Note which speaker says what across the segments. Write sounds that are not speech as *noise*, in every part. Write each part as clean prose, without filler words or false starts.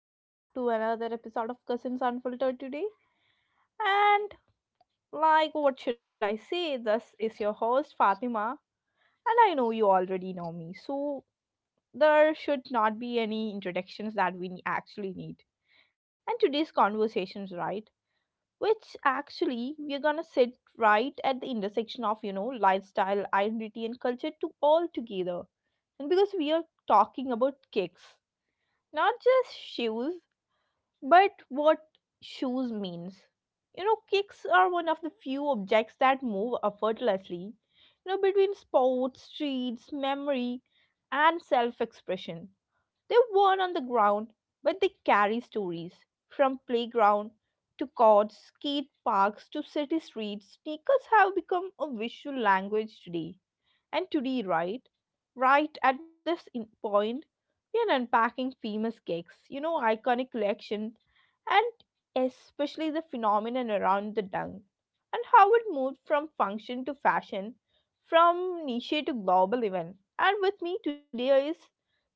Speaker 1: and welcome back to another episode of Cousins Unfiltered today. And, like, what should I say? This is your host, Fatima, and I know you already know me, so there should not be any introductions that we actually need. And today's conversations, right? Which actually we're gonna sit right at the intersection of, you know, lifestyle, identity, and culture to all together. And because we are talking about kicks, not just shoes. But what shoes means? You know, kicks are one of the few objects that move effortlessly, you know, between sports, streets, memory, and self expression. They're worn on the ground, but they carry stories from playground to courts, skate parks to city streets. Sneakers have become a visual language today. And today, right? Right at this point, we are unpacking famous kicks, you know, iconic collection and especially the phenomenon around the dung and how it moved from function to fashion, from niche to global event. And with me today is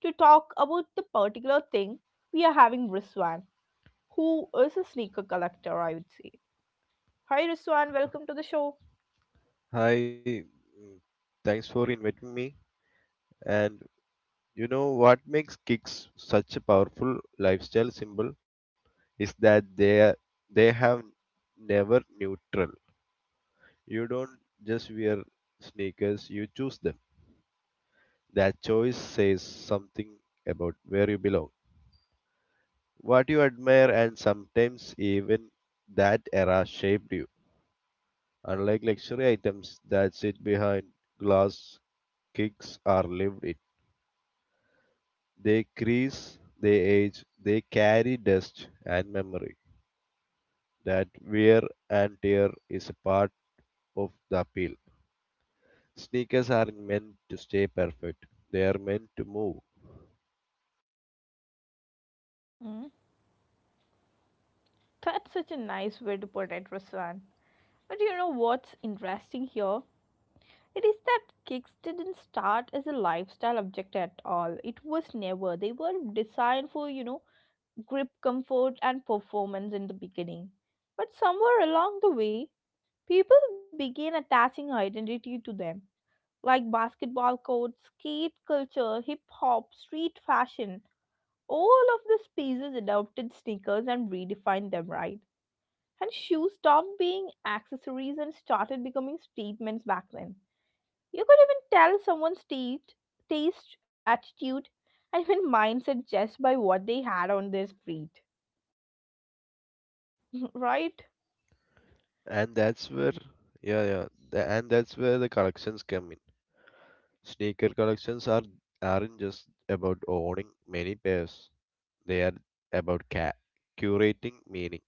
Speaker 1: to talk about the particular thing we are having Riswan, who is a sneaker collector, I would say. Hi Riswan, welcome to the show.
Speaker 2: Hi, mm, thanks for inviting me. And you know what makes kicks such a powerful lifestyle symbol is that they have never neutral. You don't just wear sneakers, you choose them. That choice says something about where you belong, what you admire, and sometimes even that era shaped you. Unlike luxury items that sit behind glass, kicks are lived in. They crease, they age, they carry dust and memory. That wear and tear is a part of the appeal. Sneakers aren't meant to stay perfect. They are meant to move.
Speaker 1: Mm, that's such a nice way to put it, Riswan. But you know what's interesting here? It is that kicks didn't start as a lifestyle object at all. It was never. They were designed for, you know, grip comfort and performance in the beginning. But somewhere along the way, people began attaching identity to them, like basketball courts, skate culture, hip hop, street fashion. All of the spaces adopted sneakers and redefined them, right? And shoes stopped being accessories and started becoming statements back then. You could even tell someone's taste, attitude, *laughs* and even mindset just by what they had on their feet, *laughs* right?
Speaker 2: And that's where Yeah, yeah, and that's where the collections come in. Sneaker collections are aren't just about owning many pairs. They are about curating meaning.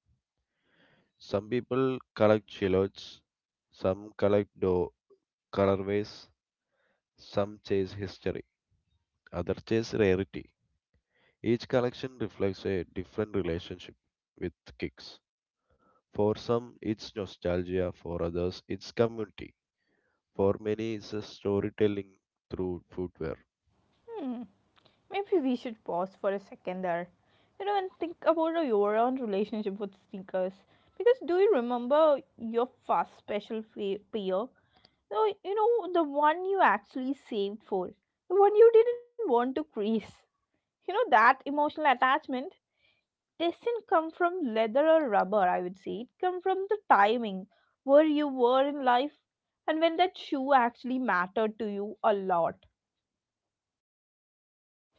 Speaker 2: Some people collect silhouettes, some collect colorways, some chase history, others chase rarity. Each collection reflects a different relationship with kicks. For some, it's nostalgia, for others, it's community. For many, it's a storytelling through footwear.
Speaker 1: Hmm. Maybe we should pause for a second there, you know, and think about your own relationship with sneakers. Because do you remember your first special pair? No, you know, the one you actually saved for, the one you didn't want to crease. You know, that emotional attachment doesn't come from leather or rubber. I would say it come from the timing where you were in life, and when that shoe actually mattered to you a lot.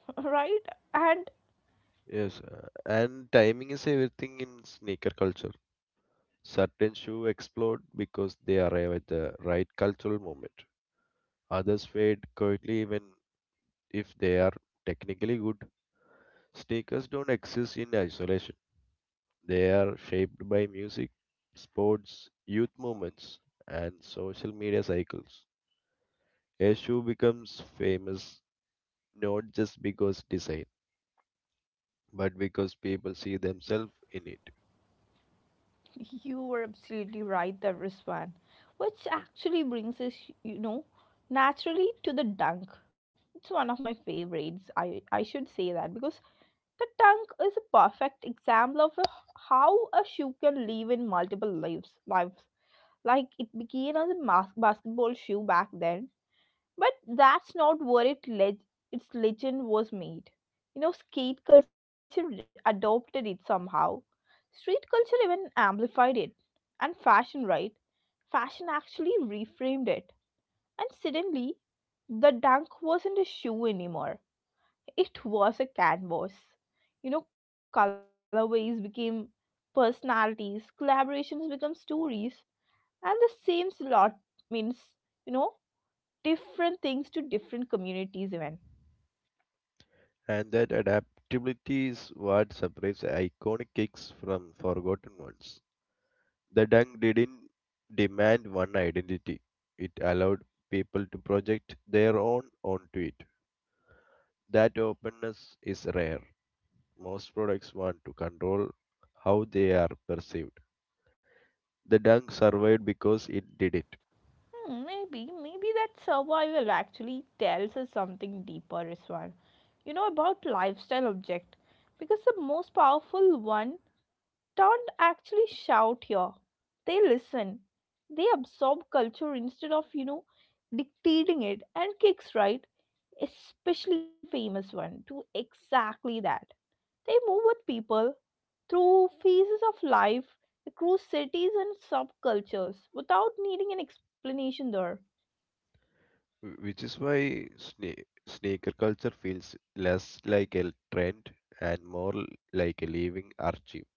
Speaker 1: *laughs* Right. And
Speaker 2: Yes, and timing is everything in sneaker culture. Certain shoes explode because they arrive at the right cultural moment. Others fade quietly even if they are technically good. Sneakers don't exist in isolation. They are shaped by music, sports, youth movements, and social media cycles. A shoe becomes famous not just because design, but because people see themselves in it.
Speaker 1: you were absolutely right there, Rizwan, which actually brings us, you know, naturally to the dunk. It's one of my favorites, I should say that, because the dunk is a perfect example of how a shoe can live in multiple lives. Like, it became as a basketball shoe back then, but that's not where its legend was made. You know, skate culture adopted it somehow. Street culture even amplified it. And fashion, right? Fashion actually reframed it. And suddenly, the dunk wasn't a shoe anymore. It was a canvas. You know, colorways became personalities, collaborations become stories, and the same slot means, you know, different things to different communities even.
Speaker 2: And that adaptability is what separates iconic kicks from forgotten ones. The dunk didn't demand one identity, it allowed people to project their own onto it. That openness is rare. Most products want to control how they are perceived. The dunk survived because it did it,
Speaker 1: Hmm, maybe that survival actually tells us something deeper as well, you know, about lifestyle object. Because the most powerful one don't actually shout here, they listen. They absorb culture instead of, you know, dictating it. And kicks, right? Especially famous one do exactly that. They move with people through phases of life, across cities and subcultures, without needing an explanation there.
Speaker 2: which is why sneaker culture feels less like a trend and more like a living archive.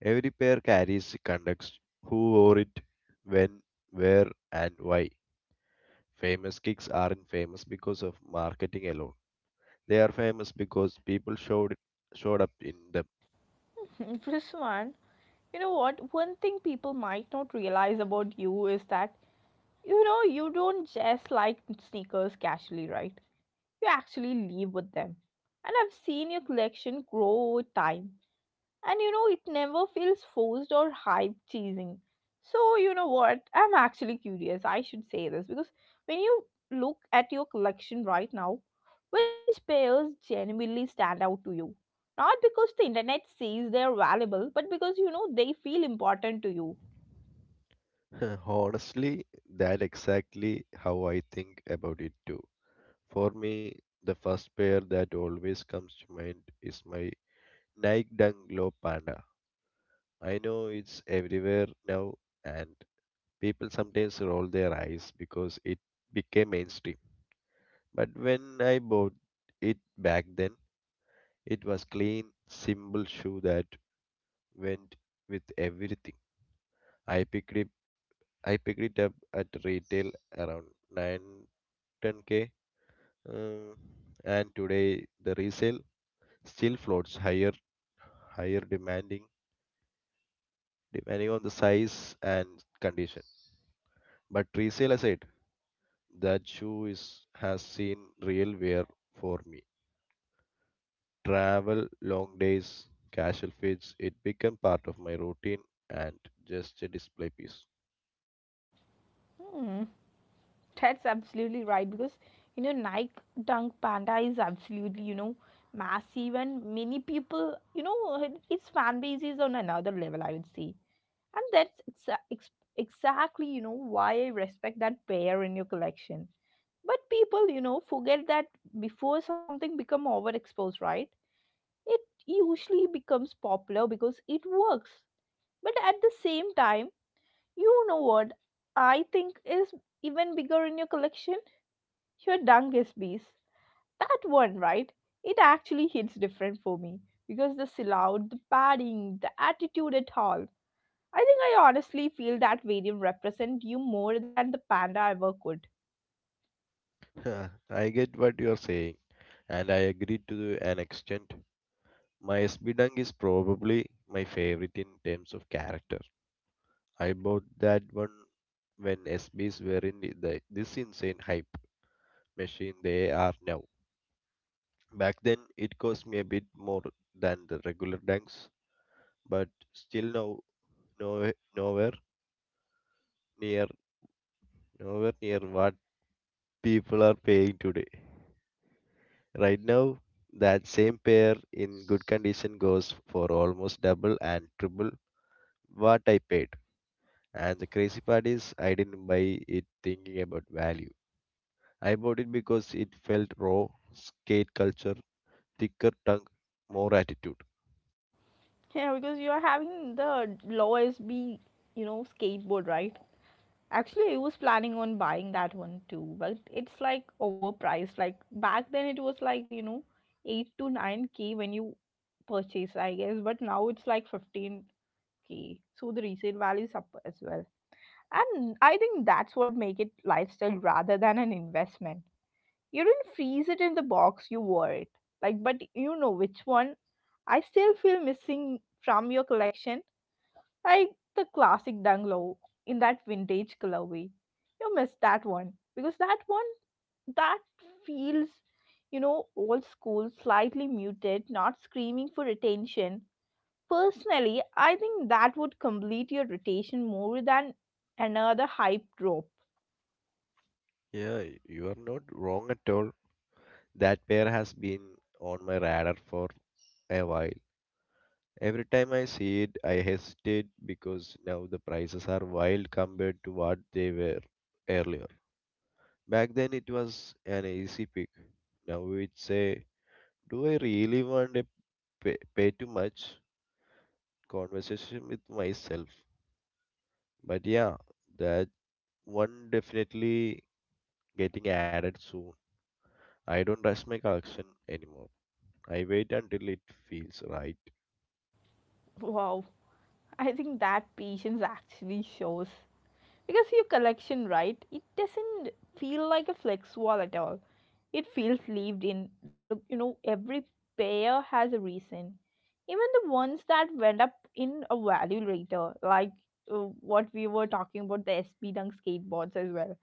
Speaker 2: Every pair carries context who wore it, when, where, and why. Famous kicks aren't famous because of marketing alone. They are famous because people showed up in them.
Speaker 1: *laughs* Prisman, you know what? One thing people might not realize about you is that, you know, you don't just like sneakers casually, right? You actually live with them. And I've seen your collection grow over time, and, you know, it never feels forced or hype cheesing. So, you know what, I'm actually curious, I should say this, because when you look at your collection right now, which pairs genuinely stand out to you? Not because the internet says they're valuable, but because, you know, they feel important to you.
Speaker 2: *laughs* Honestly, that exactly how I think about it too. For me, the first pair that always comes to mind is my Nike Dunk Low Panda. I know it's everywhere now, and people sometimes roll their eyes because it became mainstream. But when I bought it back then, it was clean, simple shoe that went with everything. I picked it, I picked it up at retail around nine ten k. Uh, and today the resale still floats higher, higher demanding, depending on the size and condition. But resale I said, that shoe is has seen real wear for me. Travel, long days, casual fits, it became part of my routine and just a display piece.
Speaker 1: Hmm, that's absolutely right, because, you know, Nike Dunk Panda is absolutely, you know, massive, and many people, you know, its fan base is on another level, I would say. And that's exactly, you know, why I respect that pair in your collection. But people, you know, forget that before something become overexposed, right, it usually becomes popular because it works. But at the same time, you know what I think is even bigger in your collection? Your dungus bees, that one, right? It actually hits different for me, because the silhouette, the padding, the attitude at all. I think I honestly feel that varium represent you more than the panda ever could.
Speaker 2: *laughs* Huh, I get what you are saying, and I agree to an extent. My SB Dunk is probably my favorite in terms of character. I bought that one when SBs were in this insane hype machine they are now. Back then, it cost me a bit more than the regular dunks, but still no, no, nowhere near, nowhere near what people are paying today. Right now, that same pair in good condition goes for almost double and triple what I paid. And the crazy part is, I didn't buy it thinking about value. I bought it because it felt raw, skate culture, thicker tongue, more attitude.
Speaker 1: Yeah, because you are having the low SB, you know, skateboard, right? Actually, I was planning on buying that one too, but it's like overpriced. Like back then, it was like, you know, 8 to 9K when you purchase, I guess. But now it's like 15K k, so the resale value is up as well. And I think that's what make it lifestyle rather than an investment. You didn't freeze it in the box, you wore it. Like, but you know which one I still feel missing from your collection? Like the classic Dunglow in that vintage colorway. You miss that one. Because that one, that feels, you know, old school, slightly muted, not screaming for attention. Personally, I think that would complete your rotation more than another hype drop.
Speaker 2: Yeah, you are not wrong at all. That pair has been on my radar for a while. Every time I see it, I hesitate because now the prices are wild compared to what they were earlier. Back then it was an easy pick. Now it's a do I really want to pay too much conversation with myself? But yeah, the one definitely getting added soon. I don't rush my collection anymore. I wait until it feels right.
Speaker 1: Wow, I think that patience actually shows. Because your collection, right, it doesn't feel like a flex wall at all. It feels lived in. Look, you know, every pair has a reason. Even the ones that went up in a value later, like, what we were talking about the SB Dunk skateboards as well.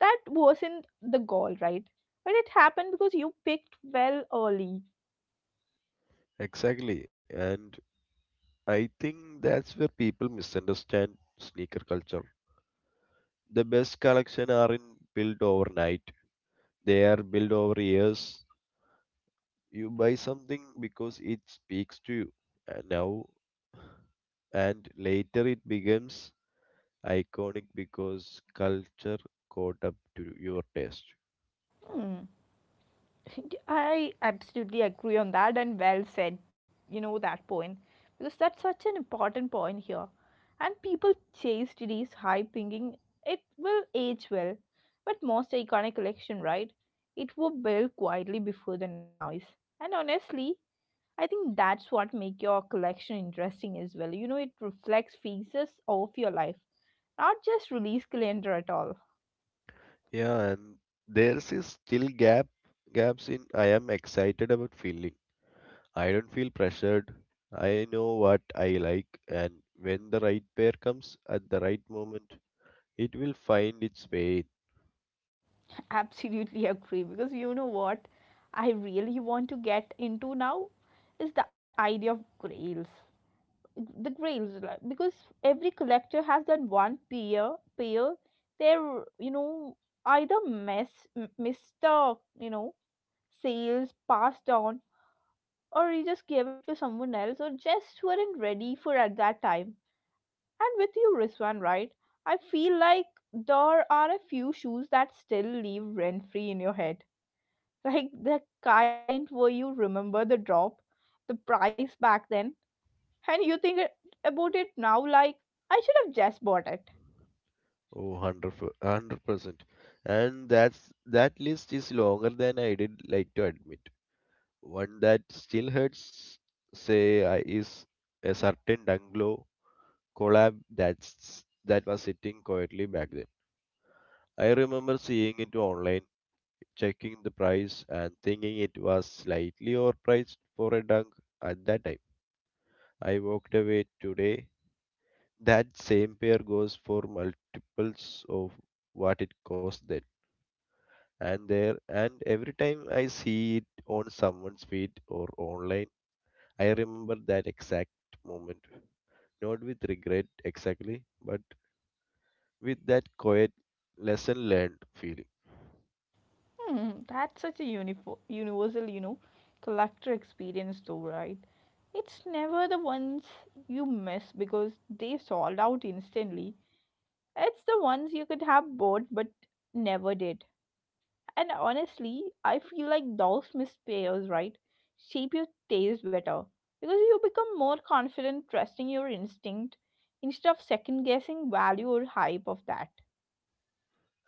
Speaker 1: That wasn't the goal, right? But it happened because you picked well early.
Speaker 2: Exactly. And I think that's where people misunderstand sneaker culture. The best collection aren't built overnight. They are built over years. You buy something because it speaks to you. And now and later it becomes iconic because culture caught up to your taste.
Speaker 1: I absolutely agree on that, and well said, you know, that point. Because that's such an important point here. And people chase today's hype thinking it will age well. But most iconic collection, right? It will build quietly before the noise. And honestly, I think that's what make your collection interesting as well. You know, it reflects phases of your life, not just release calendar at all.
Speaker 2: Yeah, and there's is still gaps in I am excited about feeling. I don't feel pressured. I know what I like, and when the right pair comes at the right moment, it will find its way.
Speaker 1: Absolutely *laughs* agree, because you know what I really want to get into now is the idea of grails. The grails, like, because every collector has done one pair they're, you know, either Mr., you know, sales passed on, or you just gave it to someone else or just weren't ready for at that time. And with you, Rizwan, right? I feel like there are a few shoes that still leave rent free in your head, like the kind where you remember the drop, the price back then, and you think it, about it now, like, I should have just bought it.
Speaker 2: Oh, 100%. And that's that list is longer than I did like to admit. One that still hurts, say, I is a certain Dunglow collab that was sitting quietly back then. I remember seeing it online, checking the price, and thinking it was slightly overpriced for a dunk at that time. I walked away today. That same pair goes for multiples of what it cost then. And every time I see it on someone's feed or online, I remember that exact moment. Not with regret exactly, but with that quiet lesson learned feeling.
Speaker 1: Hmm, that's such a universal, you know, collector experience though, right? It's never the ones you miss because they sold out instantly. It's the ones you could have bought but never did. And honestly, I feel like those missed pairs, right, shape your taste better because you become more confident trusting your instinct instead of second guessing value or hype of that.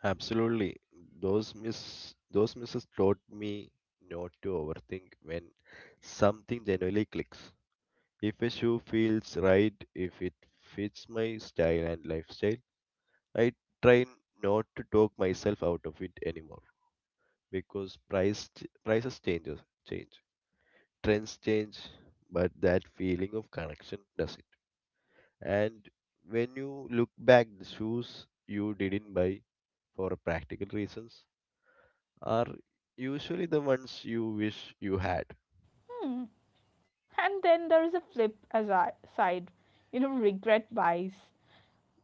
Speaker 2: Absolutely. Those misses taught me not to overthink when something genuinely clicks. If a shoe feels right, if it fits my style and lifestyle, I try not to talk myself out of it anymore because prices change. Trends change, but that feeling of connection doesn't. And when you look back the shoes you didn't buy for practical reasons are usually the ones you wish you had.
Speaker 1: Hmm. And then there is a flip as I side, you know, regret buys.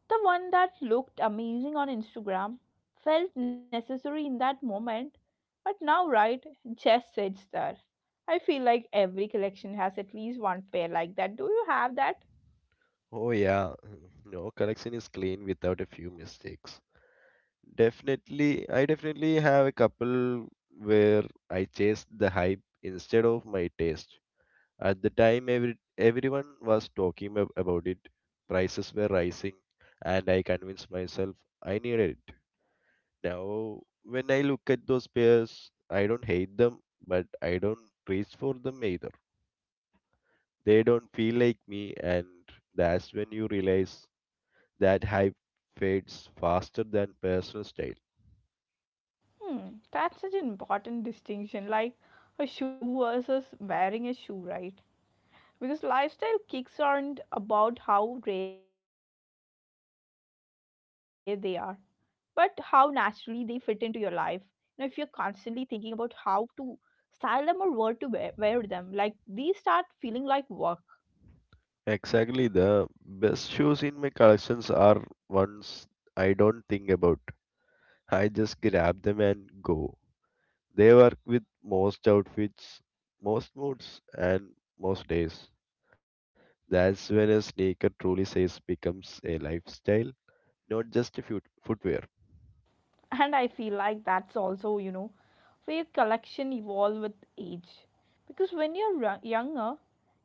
Speaker 1: The one that looked amazing on Instagram, felt necessary in that moment, but now, right, just sits there. I feel like every collection has at least one pair like that. Do you have that?
Speaker 2: Oh, yeah, *laughs* no collection is clean without a few mistakes. Definitely, I definitely have a couple where I chased the hype instead of my taste. At the time, everyone was talking about it, prices were rising, and I convinced myself I needed it. Now, when I look at those pairs, I don't hate them, but I don't reach for them either. They don't feel like me, and that's when you realize that hype fades faster than personal style.
Speaker 1: Hmm, that's such an important distinction. Like a shoe versus wearing a shoe, right? Because lifestyle kicks aren't about how rare they are, but how naturally they fit into your life. Now, if you're constantly thinking about how to style them or where to wear them, like these start feeling like work.
Speaker 2: Exactly, the best shoes in my collections are ones I don't think about. I just grab them and go. They work with most outfits, most moods, and most days. That's when a sneaker truly says becomes a lifestyle, not just a footwear.
Speaker 1: *laughs* And I feel like that's also, you know, where your collection evolve with age. Because when you're younger,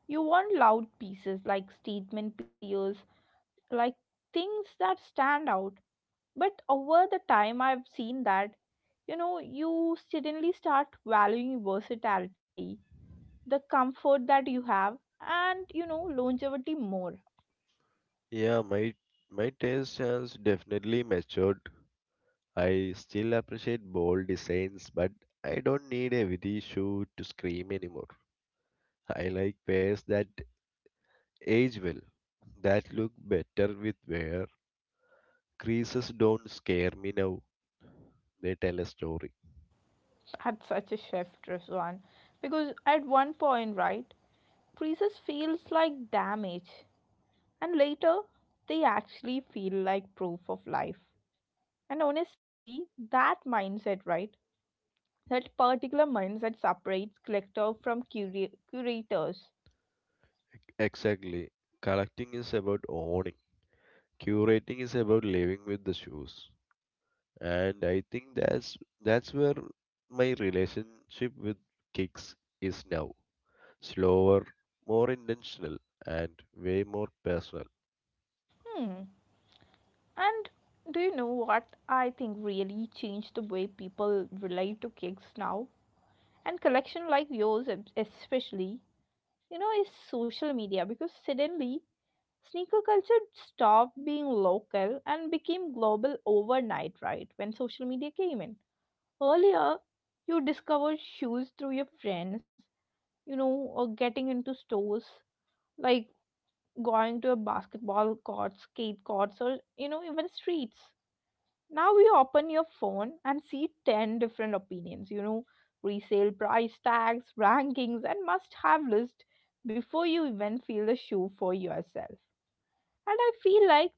Speaker 1: you want loud pieces like statement pieces like things that stand out. But over the time, I've seen that, you know, you suddenly start valuing versatility, the comfort that you have, and, you know, longevity more.
Speaker 2: Yeah, my taste has definitely matured. I still appreciate bold designs, but I don't need a witty shoe to scream anymore. I like pairs that age well, that look better with wear. Creases don't scare me now, they tell a story.
Speaker 1: Had such a shift, Rizwan. Because at one point, right, freezes feels like damage, and later they actually feel like proof of life. And honestly, that mindset, right? That particular mindset separates collector from curators.
Speaker 2: Exactly. Collecting is about owning. Curating is about living with the shoes. And I think that's where my relationship with kicks is now. Slower, more intentional, and way more personal.
Speaker 1: Hmm. And do you know what I think really changed the way people relate to gigs now? And collection like yours, especially, you know, is social media, because suddenly sneaker culture stopped being local and became global overnight, right? When social media came in. Earlier, you discovered shoes through your friends, you know, or getting into stores, like going to a basketball court, skate courts, or, you know, even streets. Now we open your phone and see 10 different opinions, you know, resale price tags, rankings, and must have list before you even feel the shoe for yourself. And I feel like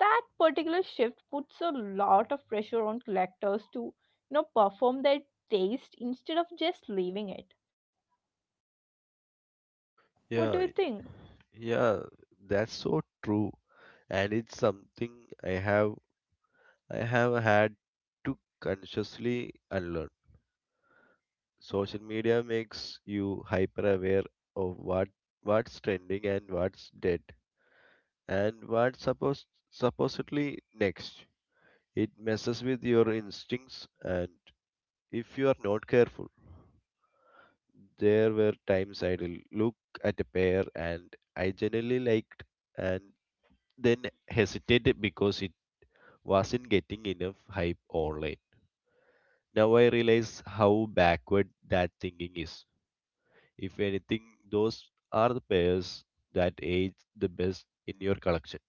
Speaker 1: that particular shift puts a lot of pressure on collectors to, perform their taste instead of just leaving it. What do you
Speaker 2: Yeah,
Speaker 1: think?
Speaker 2: yeah, that's so true. And it's something I have I have had to consciously unlearn. Social media makes you hyper aware of what's trending and what's dead and what's supposedly next. It messes with your instincts and if you are not careful, there were times I'd look at a pair and I generally liked and then hesitated because it wasn't getting enough hype online. Now I realize how backward that thinking is. If anything, those are the pairs that age the best in your collection.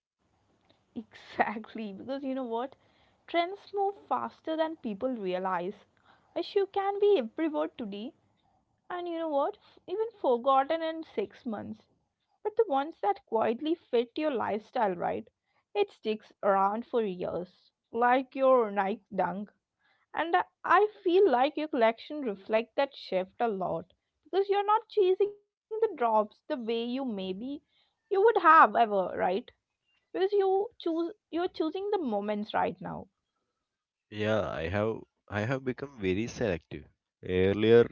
Speaker 1: Exactly, because you know what? Trends move faster than people realize. A shoe can be everywhere today, and you know what? Even forgotten in 6 months. But the ones that quietly fit your lifestyle, right? It sticks around for years, like your Nike Dunk. And I feel like your collection reflects that shift a lot because you're not chasing the drops the way you maybe you would have ever, right? Because you're choosing the moments right now.
Speaker 2: Yeah, I have become very selective. Earlier,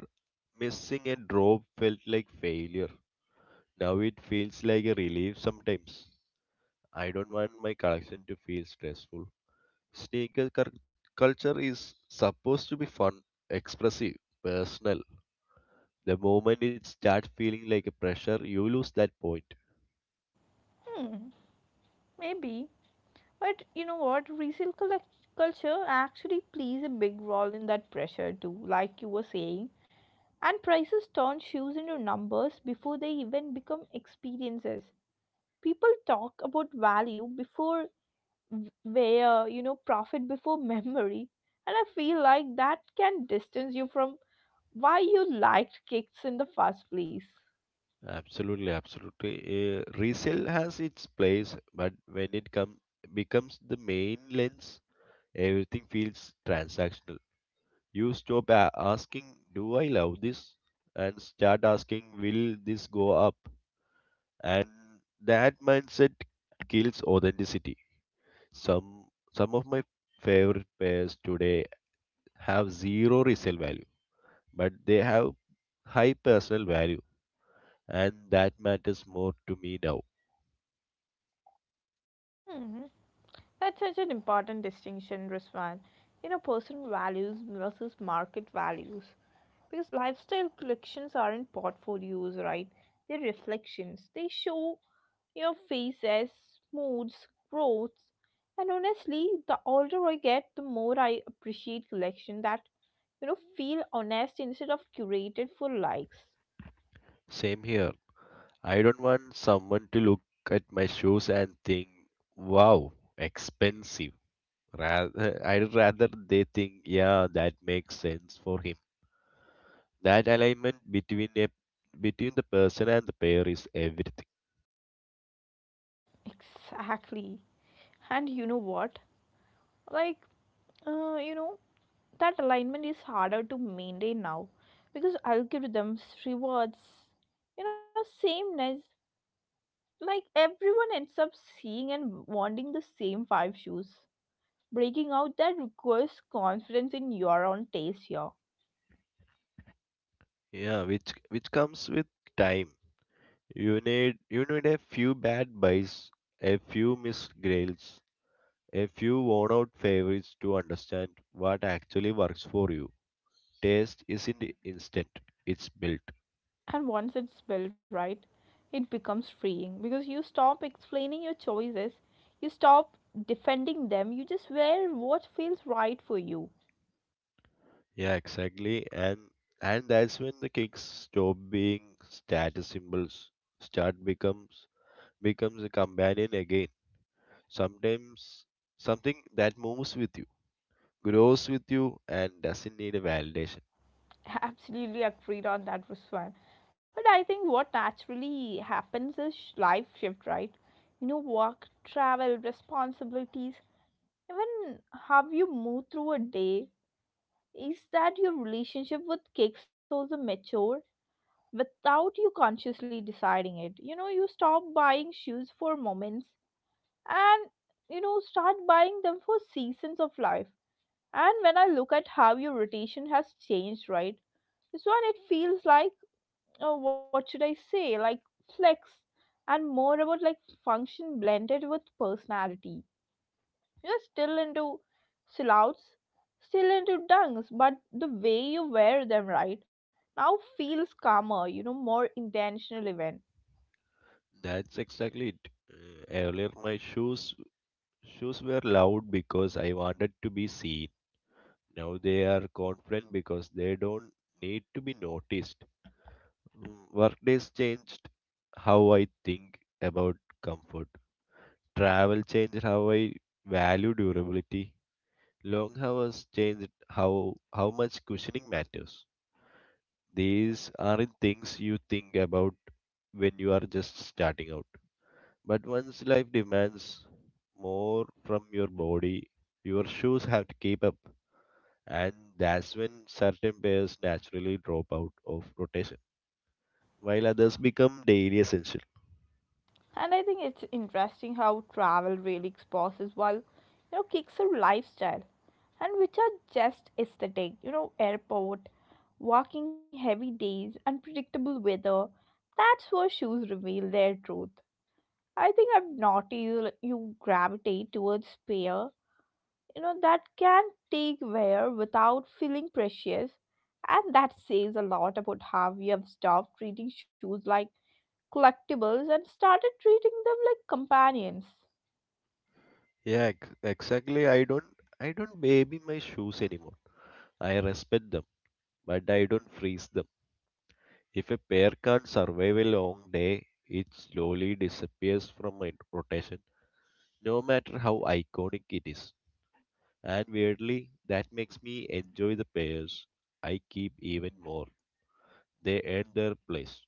Speaker 2: missing a drop felt like failure. Now it feels like a relief sometimes. I don't want my collection to feel stressful. Sneaker cur- culture is supposed to be fun, expressive, personal. The moment it starts feeling like a pressure, you lose that point.
Speaker 1: Hmm, maybe. But you know what? Resale culture actually plays a big role in that pressure too, like you were saying. And prices turn shoes into numbers before they even become experiences. People talk about value before v- wear, you know, profit before *laughs* memory. And I feel like that can distance you from why you liked kicks in the first place.
Speaker 2: Absolutely, absolutely. Resale has its place, but when it come becomes the main lens, everything feels transactional. You stop asking, "Do I love this?" and start asking, "Will this go up?" And that mindset kills authenticity. Some some of my favorite pairs today have zero resale value, but they have high personal value and that matters more to me now.
Speaker 1: Hmm, that's such an important distinction, Ruswan. You know, personal values versus market values. Because lifestyle collections aren't portfolios, right? They're reflections. They show your faces, moods, growths. And honestly, the older I get, the more I appreciate collection that, feel honest instead of curated for likes.
Speaker 2: Same here. I don't want someone to look at my shoes and think, wow, expensive. Rather, I'd rather they think, yeah, that makes sense for him. That alignment between a between the person and the pair is everything.
Speaker 1: Exactly. And you know what? Like, uh, you know, that alignment is harder to maintain now because algorithms rewards, sameness, like everyone ends up seeing and wanting the same five shoes. Breaking out that requires confidence in your own taste here,
Speaker 2: Yeah, which comes with time. You need a few bad buys, a few missed grails, a few worn out favorites to understand what actually works for you. Taste isn't instant, it's built.
Speaker 1: and once it's built right, it becomes freeing because you stop explaining your choices, you stop defending them, you just wear what feels right for you.
Speaker 2: Yeah, exactly. and and that's when the cakes stop being status symbols, start becomes a companion again, sometimes, something that moves with you, grows with you, and doesn't need a validation.
Speaker 1: *laughs* Absolutely agreed on that, Ruswan. But I think what naturally happens is life shift, right? You know, work, travel, responsibilities, even how you move through a day, is that your relationship with cakes also mature without you consciously deciding it. You know, you stop buying shoes for moments and, start buying them for seasons of life. And when I look at how your rotation has changed, right? This one, it feels like, oh, what should I say, like flex, and more about like function blended with personality. You're still into silhouettes, still into dunks, but the way you wear them right now feels calmer, you know, more intentional even.
Speaker 2: That's exactly it. Earlier my shoes shoes were loud because I wanted to be seen. Now they are confident because they don't need to be noticed. Mm, workdays changed how I think about comfort. Travel changed how I value durability. Long hours changed how much cushioning matters. These aren't things you think about when you are just starting out. But once life demands more from your body, your shoes have to keep up. And that's when certain pairs naturally drop out of rotation, while others become daily essentials.
Speaker 1: And I think it's interesting how travel really exposes while, kicks are lifestyle and which are just aesthetic. You know, airport, walking heavy days, unpredictable weather, that's where shoes reveal their truth. I think I've noticed you gravitate towards pair, that can take wear without feeling precious. And that says a lot about how we have stopped treating shoes like collectibles and started treating them like companions.
Speaker 2: Yeah, exactly. I don't baby my shoes anymore. I respect them, but I don't freeze them. If a pair can't survive a long day, it slowly disappears from my rotation, no matter how iconic it is. And weirdly, that makes me enjoy the pairs I keep even more. They earn their place.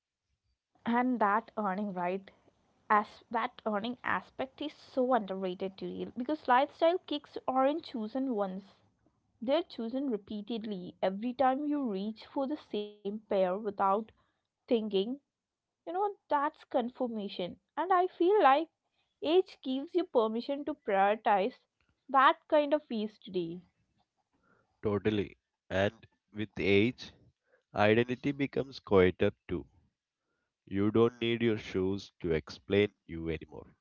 Speaker 1: And that earning right, as that earning aspect, is so underrated to real, because lifestyle kicks aren't chosen once. They're chosen repeatedly every time you reach for the same pair without thinking. You know, that's confirmation. And I feel like age gives you permission to prioritize that kind of peace today.
Speaker 2: Totally. And with age, identity becomes quieter too. You don't need your shoes to explain you anymore.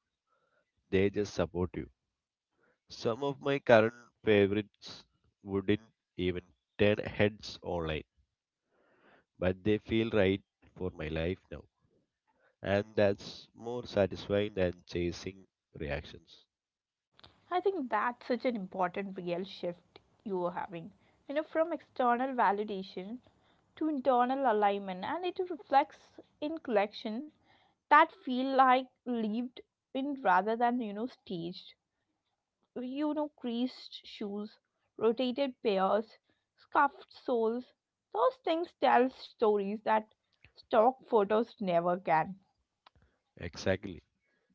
Speaker 2: They just support you. Some of my current favorites wouldn't even turn heads online, but they feel right for my life now. And that's more satisfying than chasing reactions.
Speaker 1: I think that's such an important real shift you are having. You know, from external validation to internal alignment, and it reflects in collection that feel like lived in rather than, staged. You know, creased shoes, rotated pairs, scuffed soles. Those things tell stories that stock photos never can.
Speaker 2: Exactly.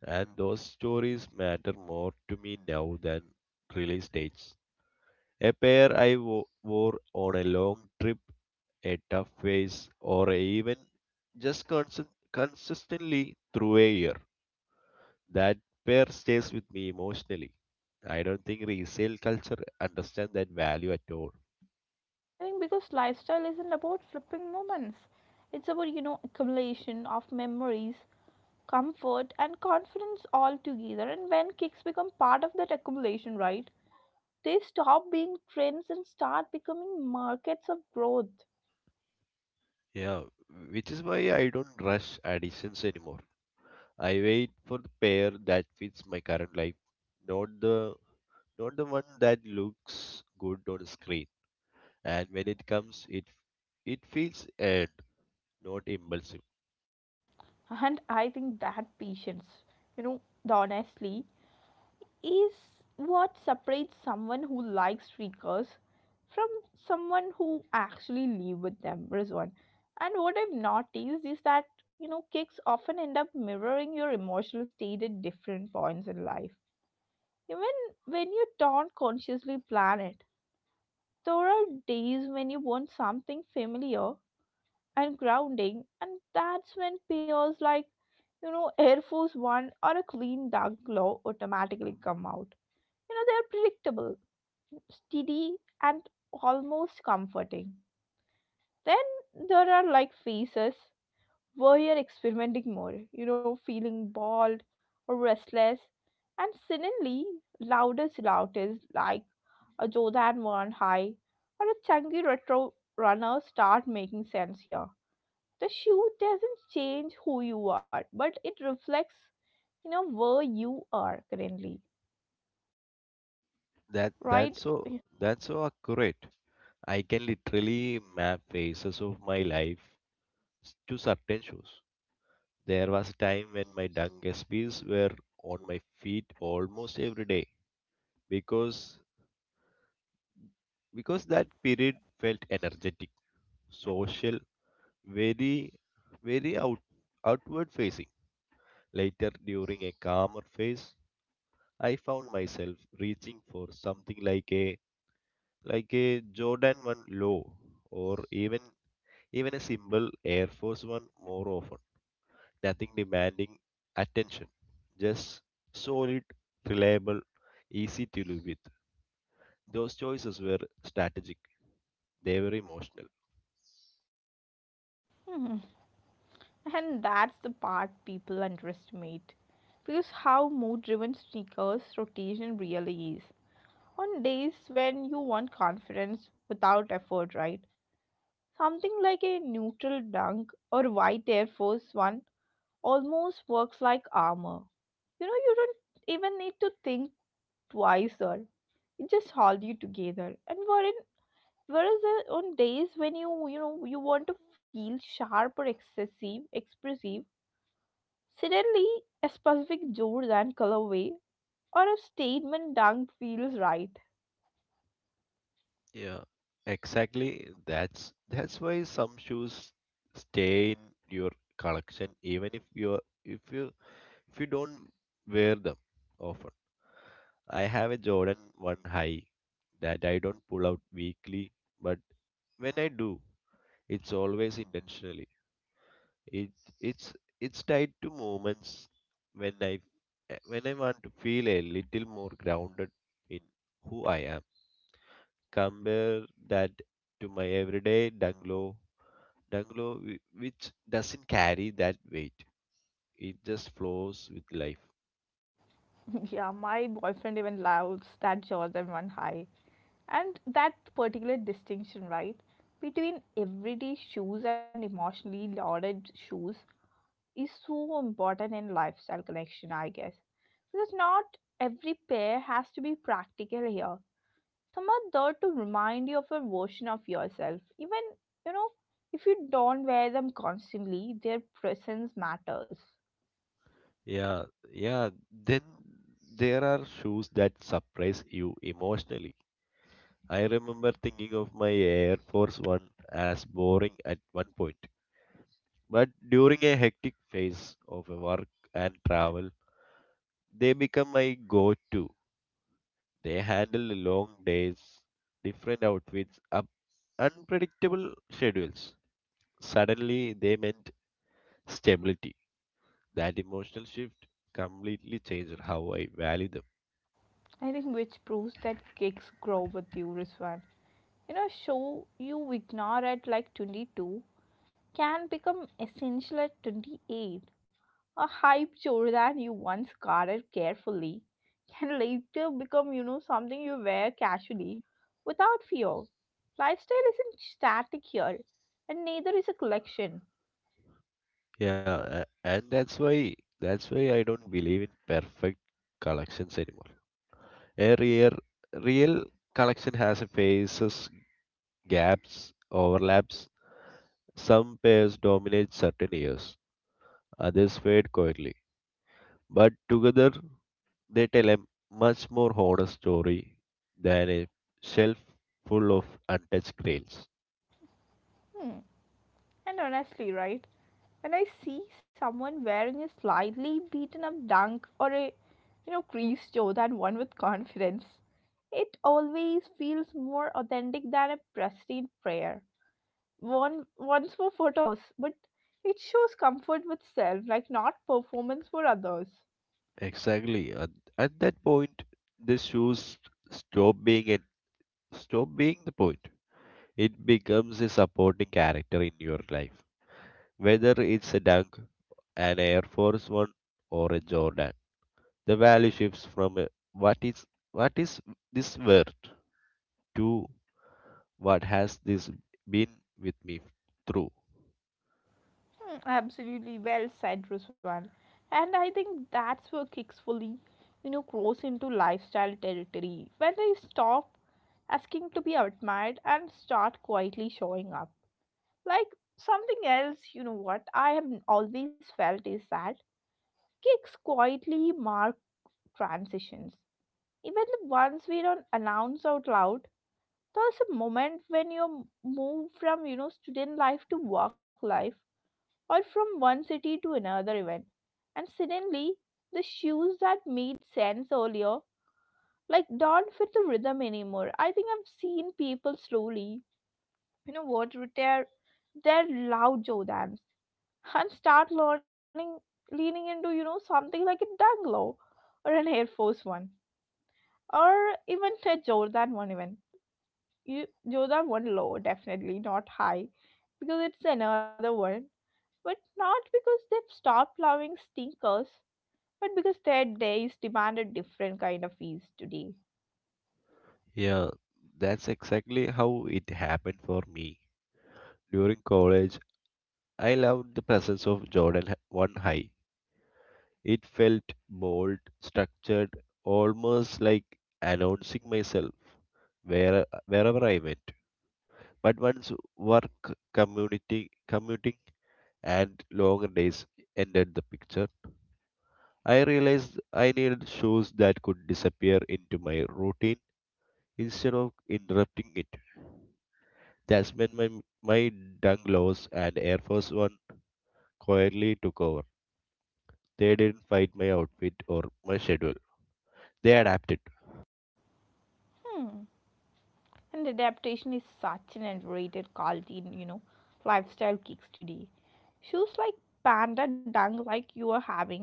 Speaker 2: And those stories matter more to me now than release dates. A pair I wore on a long trip, a tough phase, or even just consistently through a year. That pair stays with me emotionally. I don't think resale culture understand that value at all.
Speaker 1: I think because lifestyle isn't about flipping moments. It's about, accumulation of memories, comfort and confidence all together. And when kicks become part of that accumulation, right? They stop being trends and start becoming markets of growth.
Speaker 2: Yeah, which is why I don't rush additions anymore. I wait for the pair that fits my current life, not the not the one that looks good on screen. And when it comes, it feels earned, not impulsive.
Speaker 1: And I think that patience, the honestly, is what separates someone who likes streakers from someone who actually live with them, Rizwan. And what I've noticed is that, kicks often end up mirroring your emotional state at different points in life. Even when you don't consciously plan it, there are days when you want something familiar and grounding, and that's when pairs like, Air Force One or a clean dark glow automatically come out. You know, they're predictable, steady, and almost comforting. Then there are like phases where you're experimenting more, you know, feeling bored or restless, and suddenly loudest route like a Jodan one high or a chunky retro runner start making sense here. The shoe doesn't change who you are, but it reflects, where you are currently, right?
Speaker 2: That's so accurate. I can literally map phases of my life to certain shoes. There was a time when my dung SPs were on my feet almost every day because because that period felt energetic, social, very very out, outward facing. Later during a calmer phase, I found myself reaching for something like a Jordan 1 low or even a simple Air Force 1 more often, nothing demanding attention, just solid, reliable, easy to live with. Those choices were strategic, they were emotional.
Speaker 1: And that's the part people underestimate. Because how mood driven sneakers rotation really is. On days when you want confidence without effort, right? Something like a neutral dunk or white Air Force One almost works like armor. You know, you don't even need to think twice, or it just hold you together. And whereas on days when you know you want to feel sharp or excessive, expressive, suddenly a specific Jordan and colorway or a statement dunk feels right.
Speaker 2: Yeah, exactly. That's why some shoes stay in your collection even if you if you don't wear them often. I have a Jordan 1 high that I don't pull out weekly, but when I do, it's always intentional. It it's it's tied to moments when I when I want to feel a little more grounded in who I am. Compare that to my everyday dungalow which doesn't carry that weight. It just flows with life.
Speaker 1: *laughs* Yeah, my boyfriend even loves that Jordan 1 high. And that particular distinction, right, between everyday shoes and emotionally lauded shoes, is so important in lifestyle connection, I guess. Because not every pair has to be practical here. Someone there to remind you of a version of yourself. Even, you know, if you don't wear them constantly, their presence matters.
Speaker 2: Yeah, yeah. Then there are shoes that surprise you emotionally. I remember thinking of my Air Force One as boring at one point. But during a hectic phase of work and travel, they become my go to. They handle the long days, different outfits, up unpredictable schedules. Suddenly, they meant stability. That emotional shift completely changed how I value them.
Speaker 1: I think which proves that gigs grow with you, Rizwan. You know, show you ignore at like 22 can become essential at 28. A hype chore that you once guarded carefully can later become, something you wear casually without fear. Lifestyle isn't static here, and neither is a collection.
Speaker 2: Yeah, and that's why I don't believe in perfect collections anymore. A real collection has a phases, gaps, overlaps. Some pairs dominate certain years, others fade quietly, but together they tell a much more honest story than a shelf full of untouched grails.
Speaker 1: Hmm. And honestly, right? When I see someone wearing a slightly beaten up dunk or a, creased toe than one with confidence, it always feels more authentic than a pristine prayer. One once for photos, but it shows comfort with self, like not performance for others.
Speaker 2: Exactly. At that point, the shoes stop being a, stop being the point. It becomes a supporting character in your life, whether it's a dunk, an Air Force One, or a Jordan. The value shifts from a, what is what is this worth to what has this been with me through.
Speaker 1: Hmm, absolutely well said, Ruswan. And I think that's where kicks fully, grows into lifestyle territory. When they stop asking to be admired and start quietly showing up. Like something else, you know what I have always felt is that kicks quietly mark transitions. Even the ones we don't announce out loud, there was a moment when you move from, student life to work life, or from one city to another event. And suddenly the shoes that made sense earlier like don't fit the rhythm anymore. I think I've seen people slowly, you know what retire their loud Jordans *laughs* and start learning leaning into, something like a danglo or an Air Force One or even a Jordan one. Even you, those are one low, definitely not high, because it's another one. But not because they've stopped loving stinkers, but because their days demand a different kind of ease today.
Speaker 2: Yeah, that's exactly how it happened for me. During college, I loved the presence of 1 High. It felt bold, structured, almost like announcing myself wherever I went. But once work, community, commuting, and longer days entered the picture, I realized I needed shoes that could disappear into my routine instead of interrupting it. That's when my Dunglaws and Air Force One quietly took over. They didn't fight my outfit or my schedule. They adapted.
Speaker 1: Hmm. And adaptation is such an underrated quality in, lifestyle kicks today. Shoes like panda dung like you are having,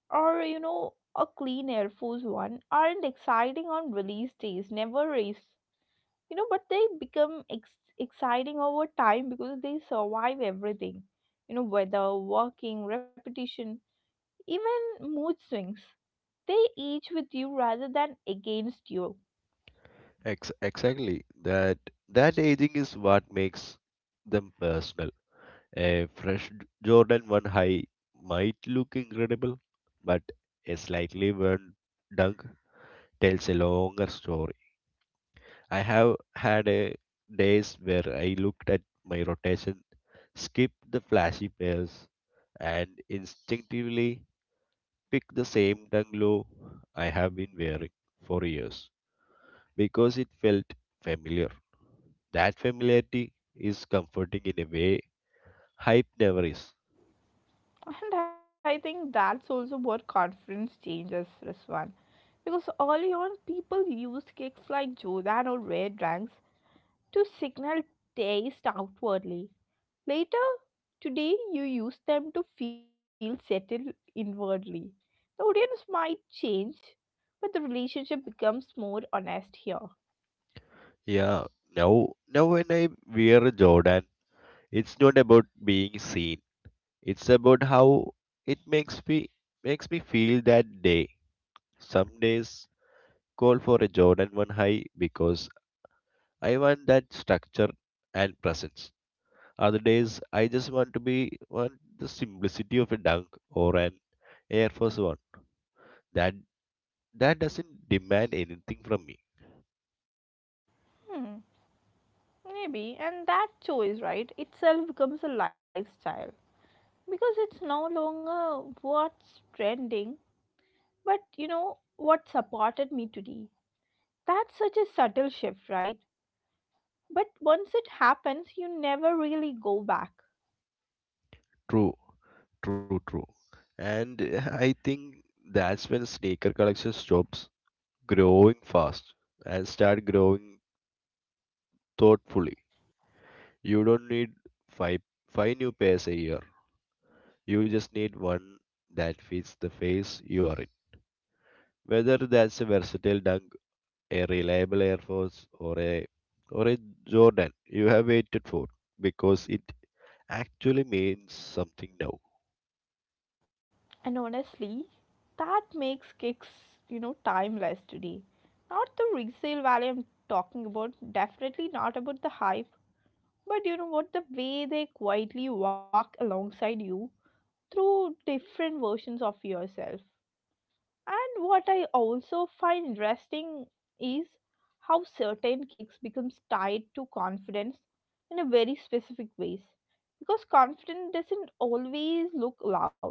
Speaker 1: or, a clean Air Force One, aren't exciting on release days, never is. You know, but they become exciting over time because they survive everything. You know, weather, working, repetition, even mood swings, they each with you rather than against you.
Speaker 2: Exactly. That aging is what makes them personal. A fresh Jordan 1 high might look incredible, but a slightly worn dunk tells a longer story. I have had a days where I looked at my rotation, skip the flashy pairs, and instinctively pick the same bungalow I have been wearing for years because it felt familiar. That familiarity is comforting in a way hype never is.
Speaker 1: And I think that's also what confidence changes, Ruswan. Because early on people used cakes like Jordan or rare drinks to signal taste outwardly. Later, today, you use them to feel settled inwardly. The audience might change, but the relationship becomes more honest here.
Speaker 2: Yeah, now when I wear a Jordan, it's not about being seen. It's about how it makes me feel that day. Some days call for a Jordan 1 high because I want that structure and presence. Other days, I just want to be want the simplicity of a dunk or an Air Force One. That that doesn't demand anything from me.
Speaker 1: Maybe, and that choice, right, itself becomes a lifestyle, because it's no longer what's trending, but, what supported me today. That's such a subtle shift, right? But once it happens, you never really go back.
Speaker 2: True, true, true. And I think that's when sneaker collection stops growing fast and start growing thoughtfully. You don't need five five new pairs a year. You just need one that fits the phase you are in. Whether that's a versatile dunk, a reliable Air Force, or a Jordan you have waited for because it actually means something now.
Speaker 1: And honestly, that makes kicks, timeless today. Not the resale value I'm talking about, definitely not about the high. But you know what? The way they quietly walk alongside you through different versions of yourself. And what I also find interesting is how certain kicks becomes tied to confidence in a very specific ways. Because confidence doesn't always look loud.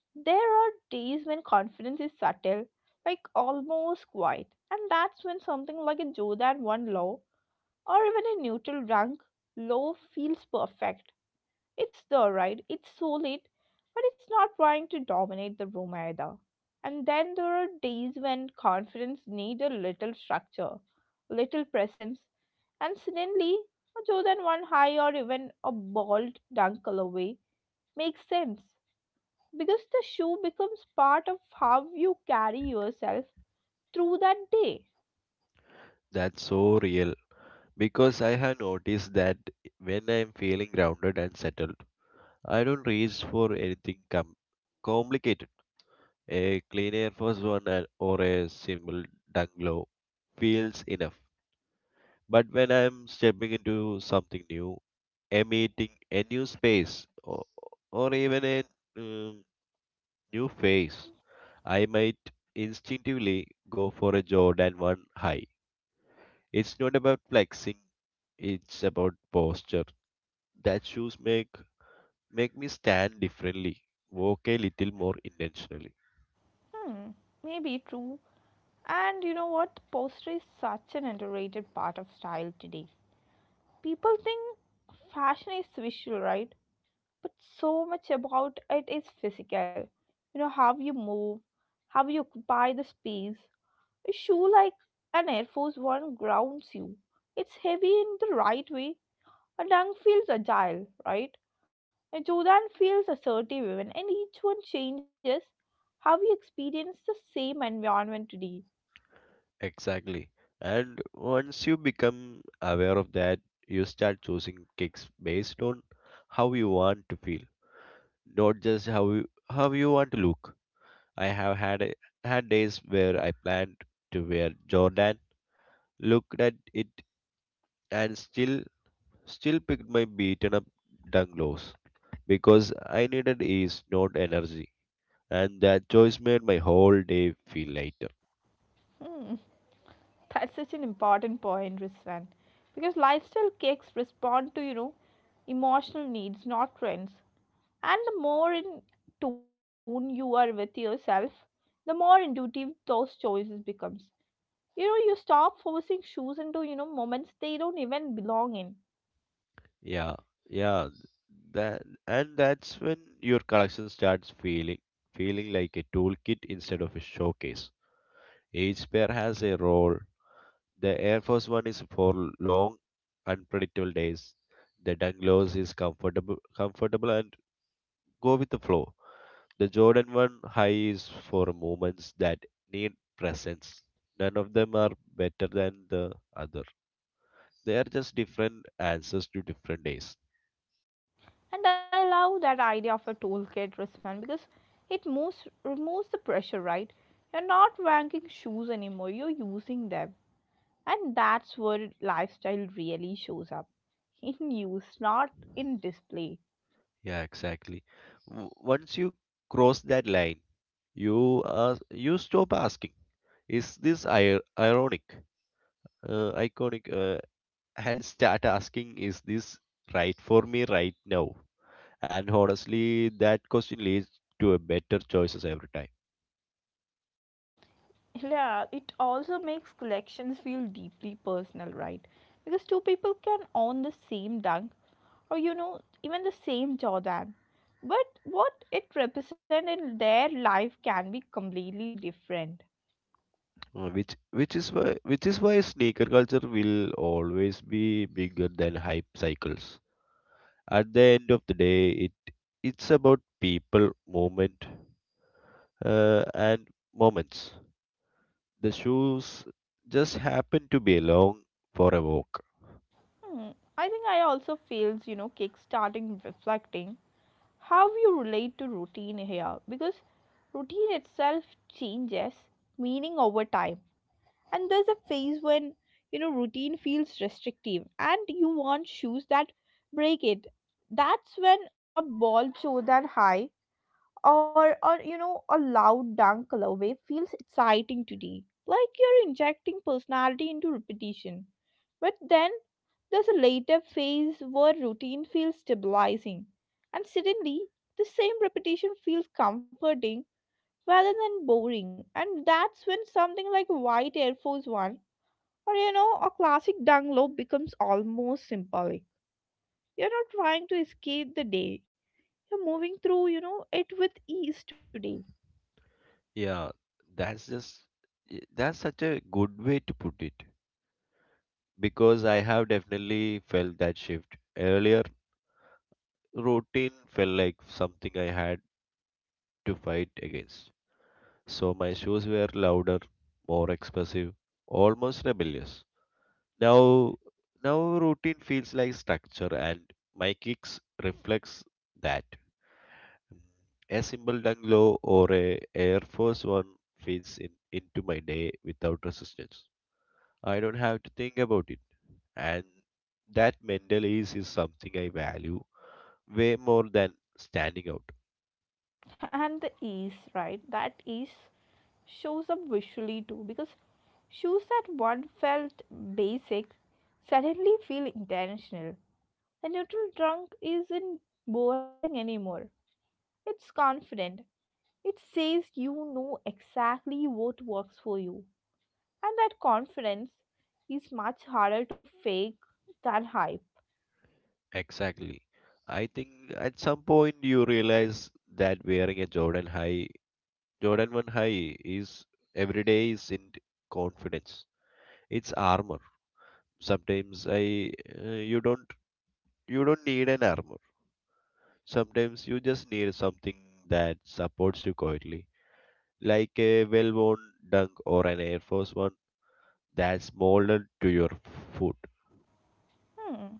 Speaker 1: There are days when confidence is subtle, like almost quiet. And that's when something like a Jordan 1 low or even a neutral drunk low feels perfect. It's the right, it's solid, but it's not trying to dominate the room either. And then there are days when confidence needs a little structure, little presence, and suddenly a more than one high or even a bald dunkle away makes sense, because the shoe becomes part of how you carry yourself through that day.
Speaker 2: That's so real because I have noticed that when I'm feeling grounded and settled, I don't reach for anything complicated. A clean Air Force One or a simple Dunglow feels enough. But when I'm stepping into something new, a meeting, a new space, or even a um, new face, I might instinctively go for a Jordan 1 high. It's not about flexing, it's about posture. That shoes make me stand differently, walk a little more intentionally.
Speaker 1: Hmm, maybe true. And you know what? Posture is such an underrated part of style today. People think fashion is visual, right? But so much about it is physical. You know, how you move, how you occupy the space. A shoe like an Air Force One grounds you. It's heavy in the right way. A dunk feels agile, right? A Jordan feels assertive even. And each one changes how we experience the same environment today.
Speaker 2: Exactly. And once you become aware of that, you start choosing kicks based on how you want to feel, not just how you want to look. I have had a, Had days where I planned to wear Jordan, looked at it and still picked my beaten up dunglows because I needed ease, not energy. And that choice made my whole day feel lighter.
Speaker 1: Hmm. That's such an important point, Rizwan, because lifestyle cakes respond to emotional needs, not trends. And the more in tune you are with yourself, the more intuitive those choices becomes. You know, you stop forcing shoes into moments they don't even belong in.
Speaker 2: Yeah, yeah. That and that's when your collection starts feeling like a toolkit instead of a showcase. Each pair has a role. The Air Force One is for long, unpredictable days. The Dunglows is comfortable and go with the flow. The Jordan 1 high is for moments that need presence. None of them are better than the other. They are just different answers to different days.
Speaker 1: And I love that idea of a toolkit, Rizwan, because it moves removes the pressure, right? You're not ranking shoes anymore. You're using them. And that's where lifestyle really shows up in use, not in display.
Speaker 2: Yeah, exactly. Once you cross that line, you stop asking, is this ironic, iconic, and start asking, is this right for me right now? And honestly, that question leads to a better choices every time.
Speaker 1: Yeah, it also makes collections feel deeply personal, right? Because two people can own the same dunk or, even the same Jordan. But what it represents in their life can be completely different.
Speaker 2: Which is why which is why sneaker culture will always be bigger than hype cycles. At the end of the day, it's about people, uh, and moments. The shoes just happen to be along for a walk.
Speaker 1: Hmm, I think I also feels, kickstarting reflecting how you relate to routine here, because routine itself changes meaning over time. And there's a phase when routine feels restrictive and you want shoes that break it. That's when a ball show that high or a loud dunk colorway feels exciting today, like you're injecting personality into repetition. But then there's a later phase where routine feels stabilizing, and suddenly the same repetition feels comforting rather than boring. And that's when something like White Air Force One or a classic dung low becomes almost symbolic. You're not trying to escape the day. You're moving through, it with ease today.
Speaker 2: Yeah, that's just that's such a good way to put it because I have definitely felt that shift. Earlier, routine felt like something I had to fight against. So my shoes were louder, more expressive, almost rebellious. Now, routine feels like structure, and my kicks reflects that. A simple down low or a Air Force One fits in into my day without resistance. I don't have to think about it, and that mental ease is something I value way more than standing out.
Speaker 1: *laughs* And the ease, right? That ease shows up visually too, because shoes that once felt basic suddenly feel intentional. A neutral trunk isn't boring anymore. It's confident. It says exactly what works for you. And that confidence is much harder to fake than hype.
Speaker 2: Exactly. I think at some point you realize that wearing a Jordan high, Jordan 1 high is every day isn't confidence. It's armor. Sometimes I you don't need an armor. Sometimes you just need something that supports you quietly, like a well-worn dunk or an Air Force One that's molded to your foot.
Speaker 1: Hmm.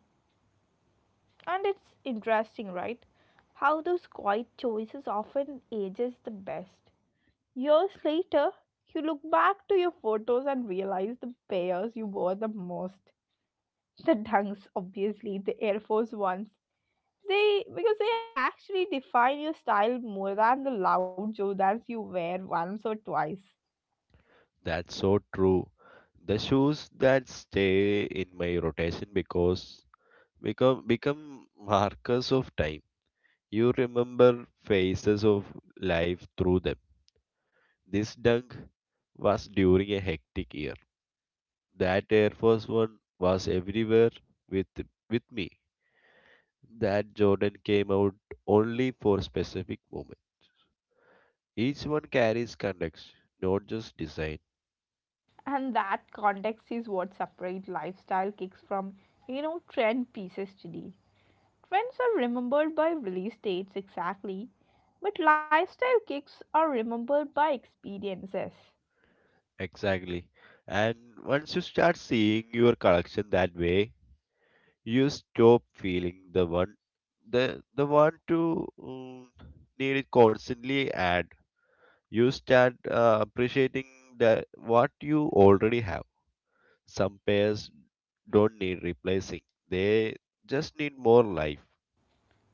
Speaker 1: And it's interesting, right? How those quiet choices often ages the best. Years later, you look back to your photos and realize the pairs you wore the most. The dunks, obviously, the Air Force ones. They, because they actually define your style more than the loud Jordans you wear once or twice.
Speaker 2: That's so true. The shoes that stay in my rotation because become markers of time. You remember phases of life through them. This dunk was during a hectic year. That Air Force One was everywhere with with me. That Jordan came out only for specific moment. Each one carries context, not just design.
Speaker 1: And that context is what separates lifestyle kicks from, trend pieces today. Trends are remembered by release dates exactly, but lifestyle kicks are remembered by experiences.
Speaker 2: Exactly. And once you start seeing your collection that way, you stop feeling the the one to um, need it constantly, and you start appreciating that what you already have. Some pairs don't need replacing, they just need more life,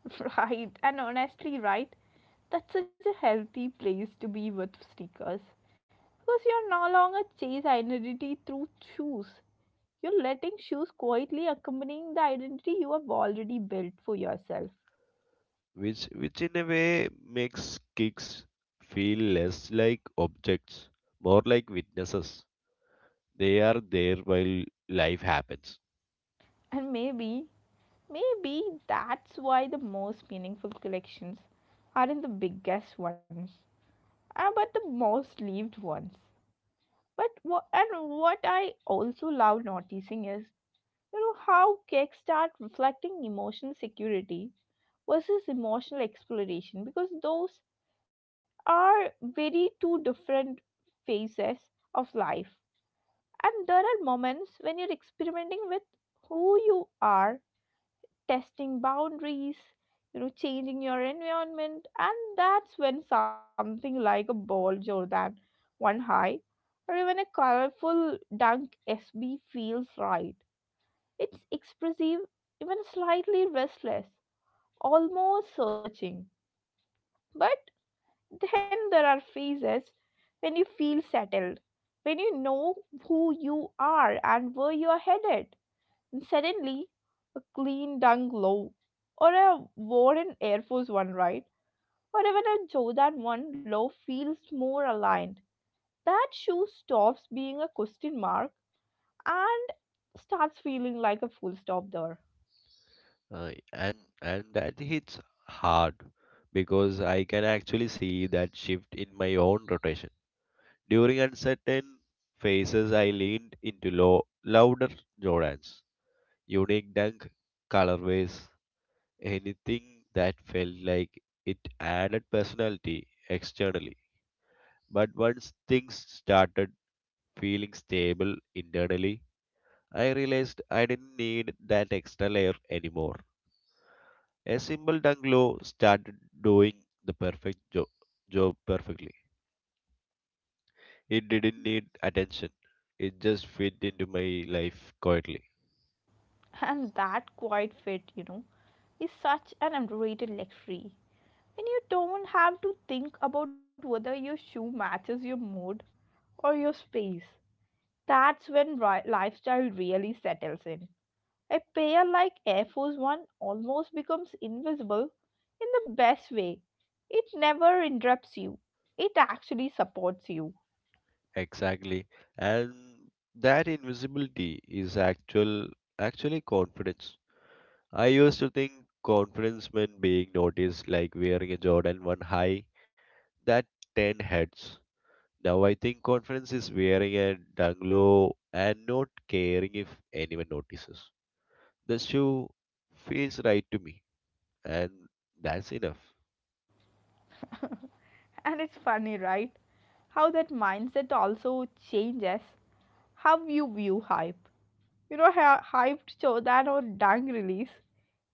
Speaker 1: *laughs* Right, and honestly, right, that's such a healthy place to be with sneakers. Because you're no longer chase identity through shoes. You're letting shoes quietly accompanying the identity you have already built for yourself.
Speaker 2: which in a way makes kicks feel less like objects, more like witnesses. They are there while life happens.
Speaker 1: And maybe that's why the most meaningful collections aren't the biggest ones, but the most lived ones. But what and what I also love noticing is how cakes start reflecting emotional security versus emotional exploration, because those are very two different phases of life. And there are moments when you're experimenting with who you are, testing boundaries, changing your environment, and that's when something like a bulge or that one high, or even a colorful dunk SB feels right. It's expressive, even slightly restless, almost searching. But then there are phases when you feel settled, when you know who you are and where you are headed. And suddenly, a clean dung low, or a Warren Air Force One, right? Or even a Jordan 1 low feels more aligned. That shoe stops being a question mark and starts feeling like a full stop there.
Speaker 2: And and that hits hard because I can actually see that shift in my own rotation. During uncertain phases, I leaned into louder Jordans, unique dunk colorways, anything that felt like it added personality externally. But once things started feeling stable internally, I realized I didn't need that extra layer anymore. A simple tongue glow started doing the job perfectly. It didn't need attention. It just fit into my life quietly.
Speaker 1: And that quiet fit, is such an underrated luxury. When you don't have to think about whether your shoe matches your mood or your space, that's when lifestyle really settles in. A pair like Air Force One almost becomes invisible in the best way. It never interrupts you, it actually supports you.
Speaker 2: Exactly. And that invisibility is actually confidence. I used to think confidence meant being noticed, like wearing a Jordan 1 high that 10 heads. Now I think confidence is wearing a dunglow and not caring if anyone notices. The shoe feels right to me, and that's enough.
Speaker 1: And it's funny, right? How that mindset also changes how you view hype. Hyped Chodan or Dang release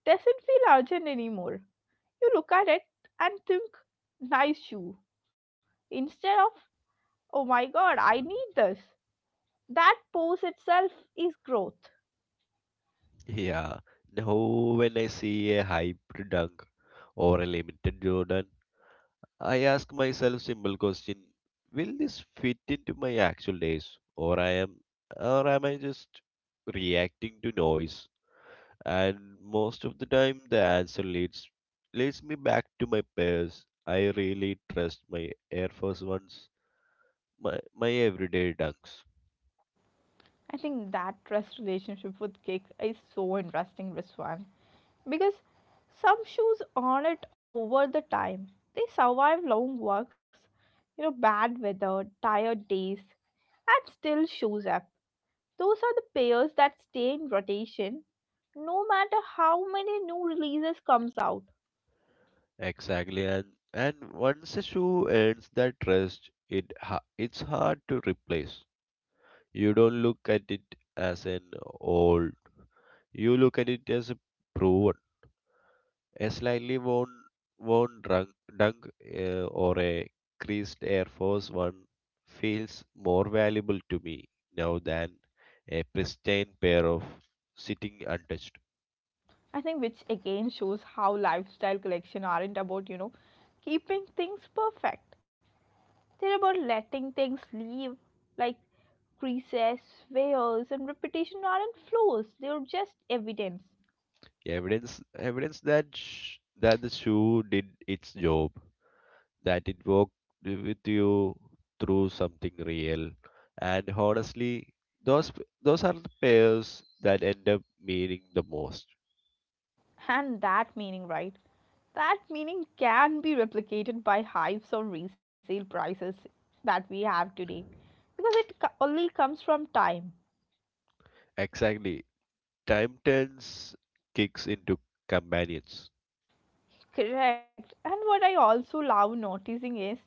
Speaker 1: doesn't feel urgent anymore. You look at it and think, nice shoe, instead of, oh my god, I need this. That pose itself is growth.
Speaker 2: *laughs* Yeah, now when I see a hybrid dunk or a limited Jordan, I ask myself simple question: will this fit into my actual days, or i am or am I just reacting to noise? And most of the time, the answer leads me back to my pairs I really trust, my Air Force Ones, my my everyday dunks.
Speaker 1: I think that trust relationship with cake is so interesting, Riswan, because some shoes earn it over the time. They survive long walks, bad weather, tired days, and still shows up. Those are the pairs that stay in rotation no matter how many new releases comes out.
Speaker 2: Exactly, and once a shoe earns that trust, it's hard to replace. You don't look at it as an old. You look at it as a proven, a slightly worn dunk, or a creased Air Force One feels more valuable to me now than a pristine pair of sitting untouched.
Speaker 1: I think, which again shows how lifestyle collection aren't about, keeping things perfect. They're about letting things leave, like creases, wears and repetition aren't flaws, they're just evidence.
Speaker 2: Evidence, evidence that the shoe did its job, that it walked with you through something real. And honestly, those those are the pairs that end up meaning the most.
Speaker 1: And that meaning, right? That meaning can be replicated by hypes or resale prices that we have today, because only comes from time.
Speaker 2: Exactly. Time turns kicks into companions.
Speaker 1: Correct. And what I also love noticing is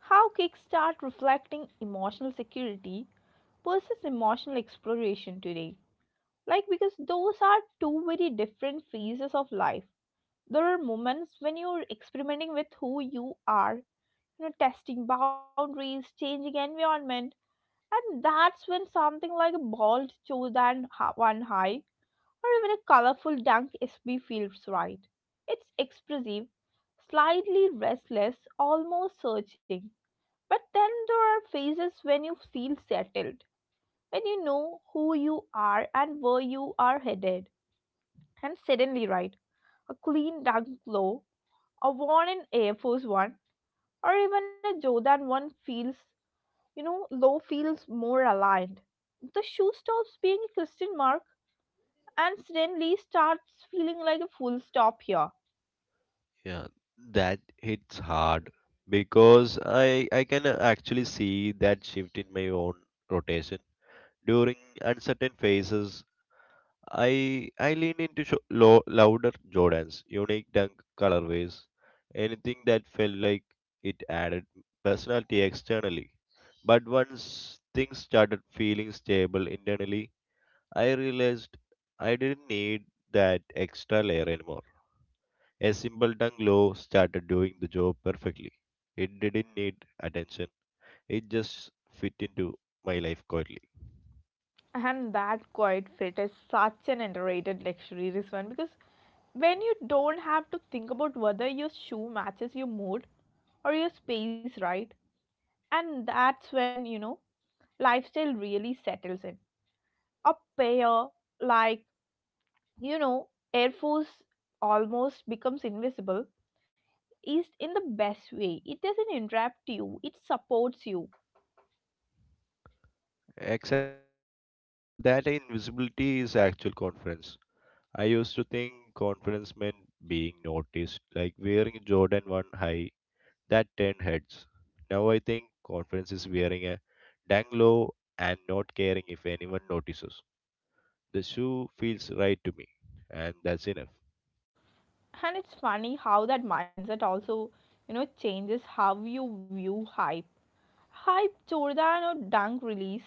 Speaker 1: how Kickstart reflecting emotional security versus emotional exploration today. Like, because those are two very different phases of life. There are moments when you're experimenting with who you are, testing boundaries, changing environment. And that's when something like a bald chose and one high, or even a colorful dunk SB feels right. It's expressive, slightly restless, almost searching. But then there are phases when you feel settled, when you know who you are and where you are headed. And suddenly, right, a clean dunk low, a worn in Air Force One, or even a Jordan One feels Low feels more aligned. The shoe stops being a question mark and suddenly starts feeling like a full stop here.
Speaker 2: Yeah, that hits hard because I can actually see that shift in my own rotation. During uncertain phases, I lean into louder Jordans, unique dunk colorways, anything that felt like it added personality externally. But once things started feeling stable internally, I realized I didn't need that extra layer anymore. A simple dunk low started doing the job perfectly. It didn't need attention. It just fit into my life quietly.
Speaker 1: And that quiet fit is such an underrated luxury, this one, because when you don't have to think about whether your shoe matches your mood or your space, right? And that's when, lifestyle really settles in. A pair like, you know, Air Force almost becomes invisible is in the best way. It doesn't interrupt you, it supports you.
Speaker 2: Exactly, and that invisibility is actual confidence. I used to think confidence meant being noticed, like wearing Jordan 1 high that turned heads. Now I think confidence is wearing a dang low and not caring if anyone notices. The shoe feels right to me, and that's enough.
Speaker 1: And it's funny how that mindset also, changes how you view hype. Hype, Jordan or dunk release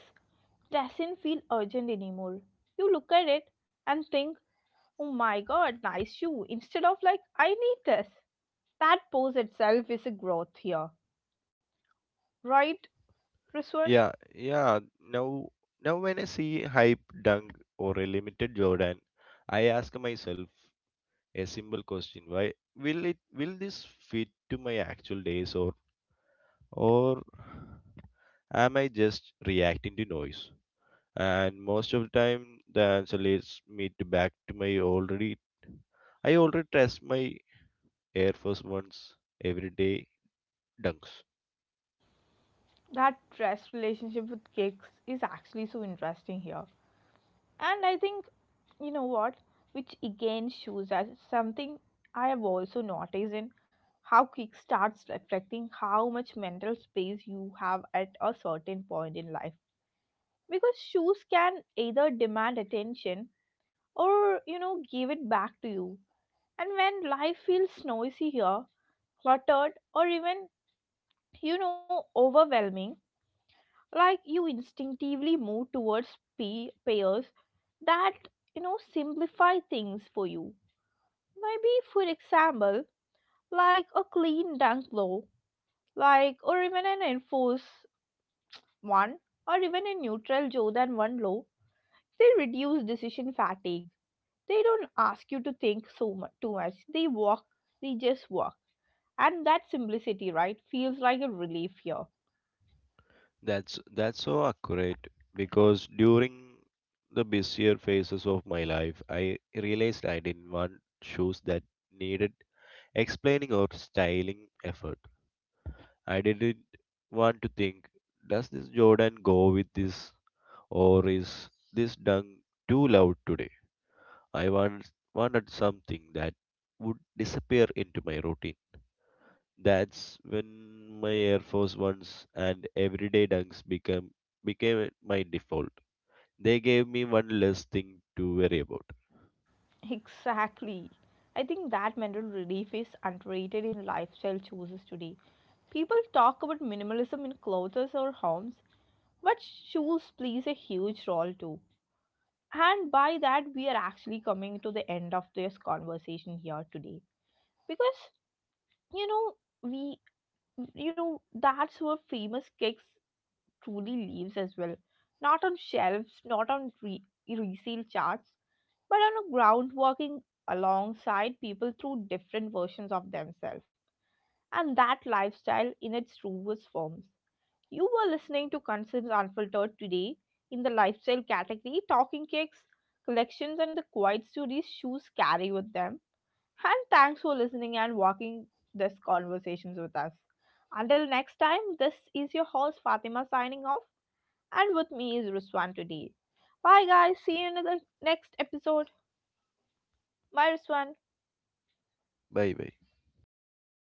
Speaker 1: doesn't feel urgent anymore. You look at it and think, oh my god, nice shoe, instead of like, I need this. That pose itself is a growth here, right, Riswan?
Speaker 2: Yeah, yeah. Now, when I see hype dunk or a limited Jordan, I ask myself a simple question: Why will it? Will this fit to my actual days, or am I just reacting to noise? And most of the time, the answer leads me to back to my already. I already test my Air Force Ones every day dunks.
Speaker 1: That trust relationship with kicks is actually so interesting here. And I think, what, which again shows us something I have also noticed in how quick starts reflecting how much mental space you have at a certain point in life. Because shoes can either demand attention or, give it back to you. And when life feels noisy here, cluttered, or even, overwhelming, like you instinctively move towards pairs that simplify things for you. Maybe, for example, like a clean dunk low, like or even an enforce one, or even a neutral joe than one low. They reduce decision fatigue. They don't ask you to think so much too much. They just walk, and that simplicity, right, feels like a relief here.
Speaker 2: That's so accurate because during the busier phases of my life, I realized I didn't want shoes that needed explaining or styling effort. I didn't want to think, does this Jordan go with this? Or is this dung too loud today? Wanted something that would disappear into my routine. That's when my Air Force Ones and everyday dunks become became my default. They gave me one less thing to worry about.
Speaker 1: Exactly. I think that mental relief is underrated in lifestyle choices today. People talk about minimalism in clothes or homes, but shoes plays a huge role too. And by that, we are actually coming to the end of this conversation here today. Because, you know, we, that's where famous kicks truly lives as well. Not on shelves, not on resale charts, but on a ground walking alongside people through different versions of themselves. And that lifestyle in its truest forms. You were listening to Concerns Unfiltered today in the lifestyle category, talking cakes, collections, and the quiet stories shoes carry with them. And thanks for listening and walking these conversations with us. Until next time, this is your host Fatima signing off. And with me is Ruswan today. Bye guys, see you in the next episode. Bye Ruswan.
Speaker 2: Bye bye.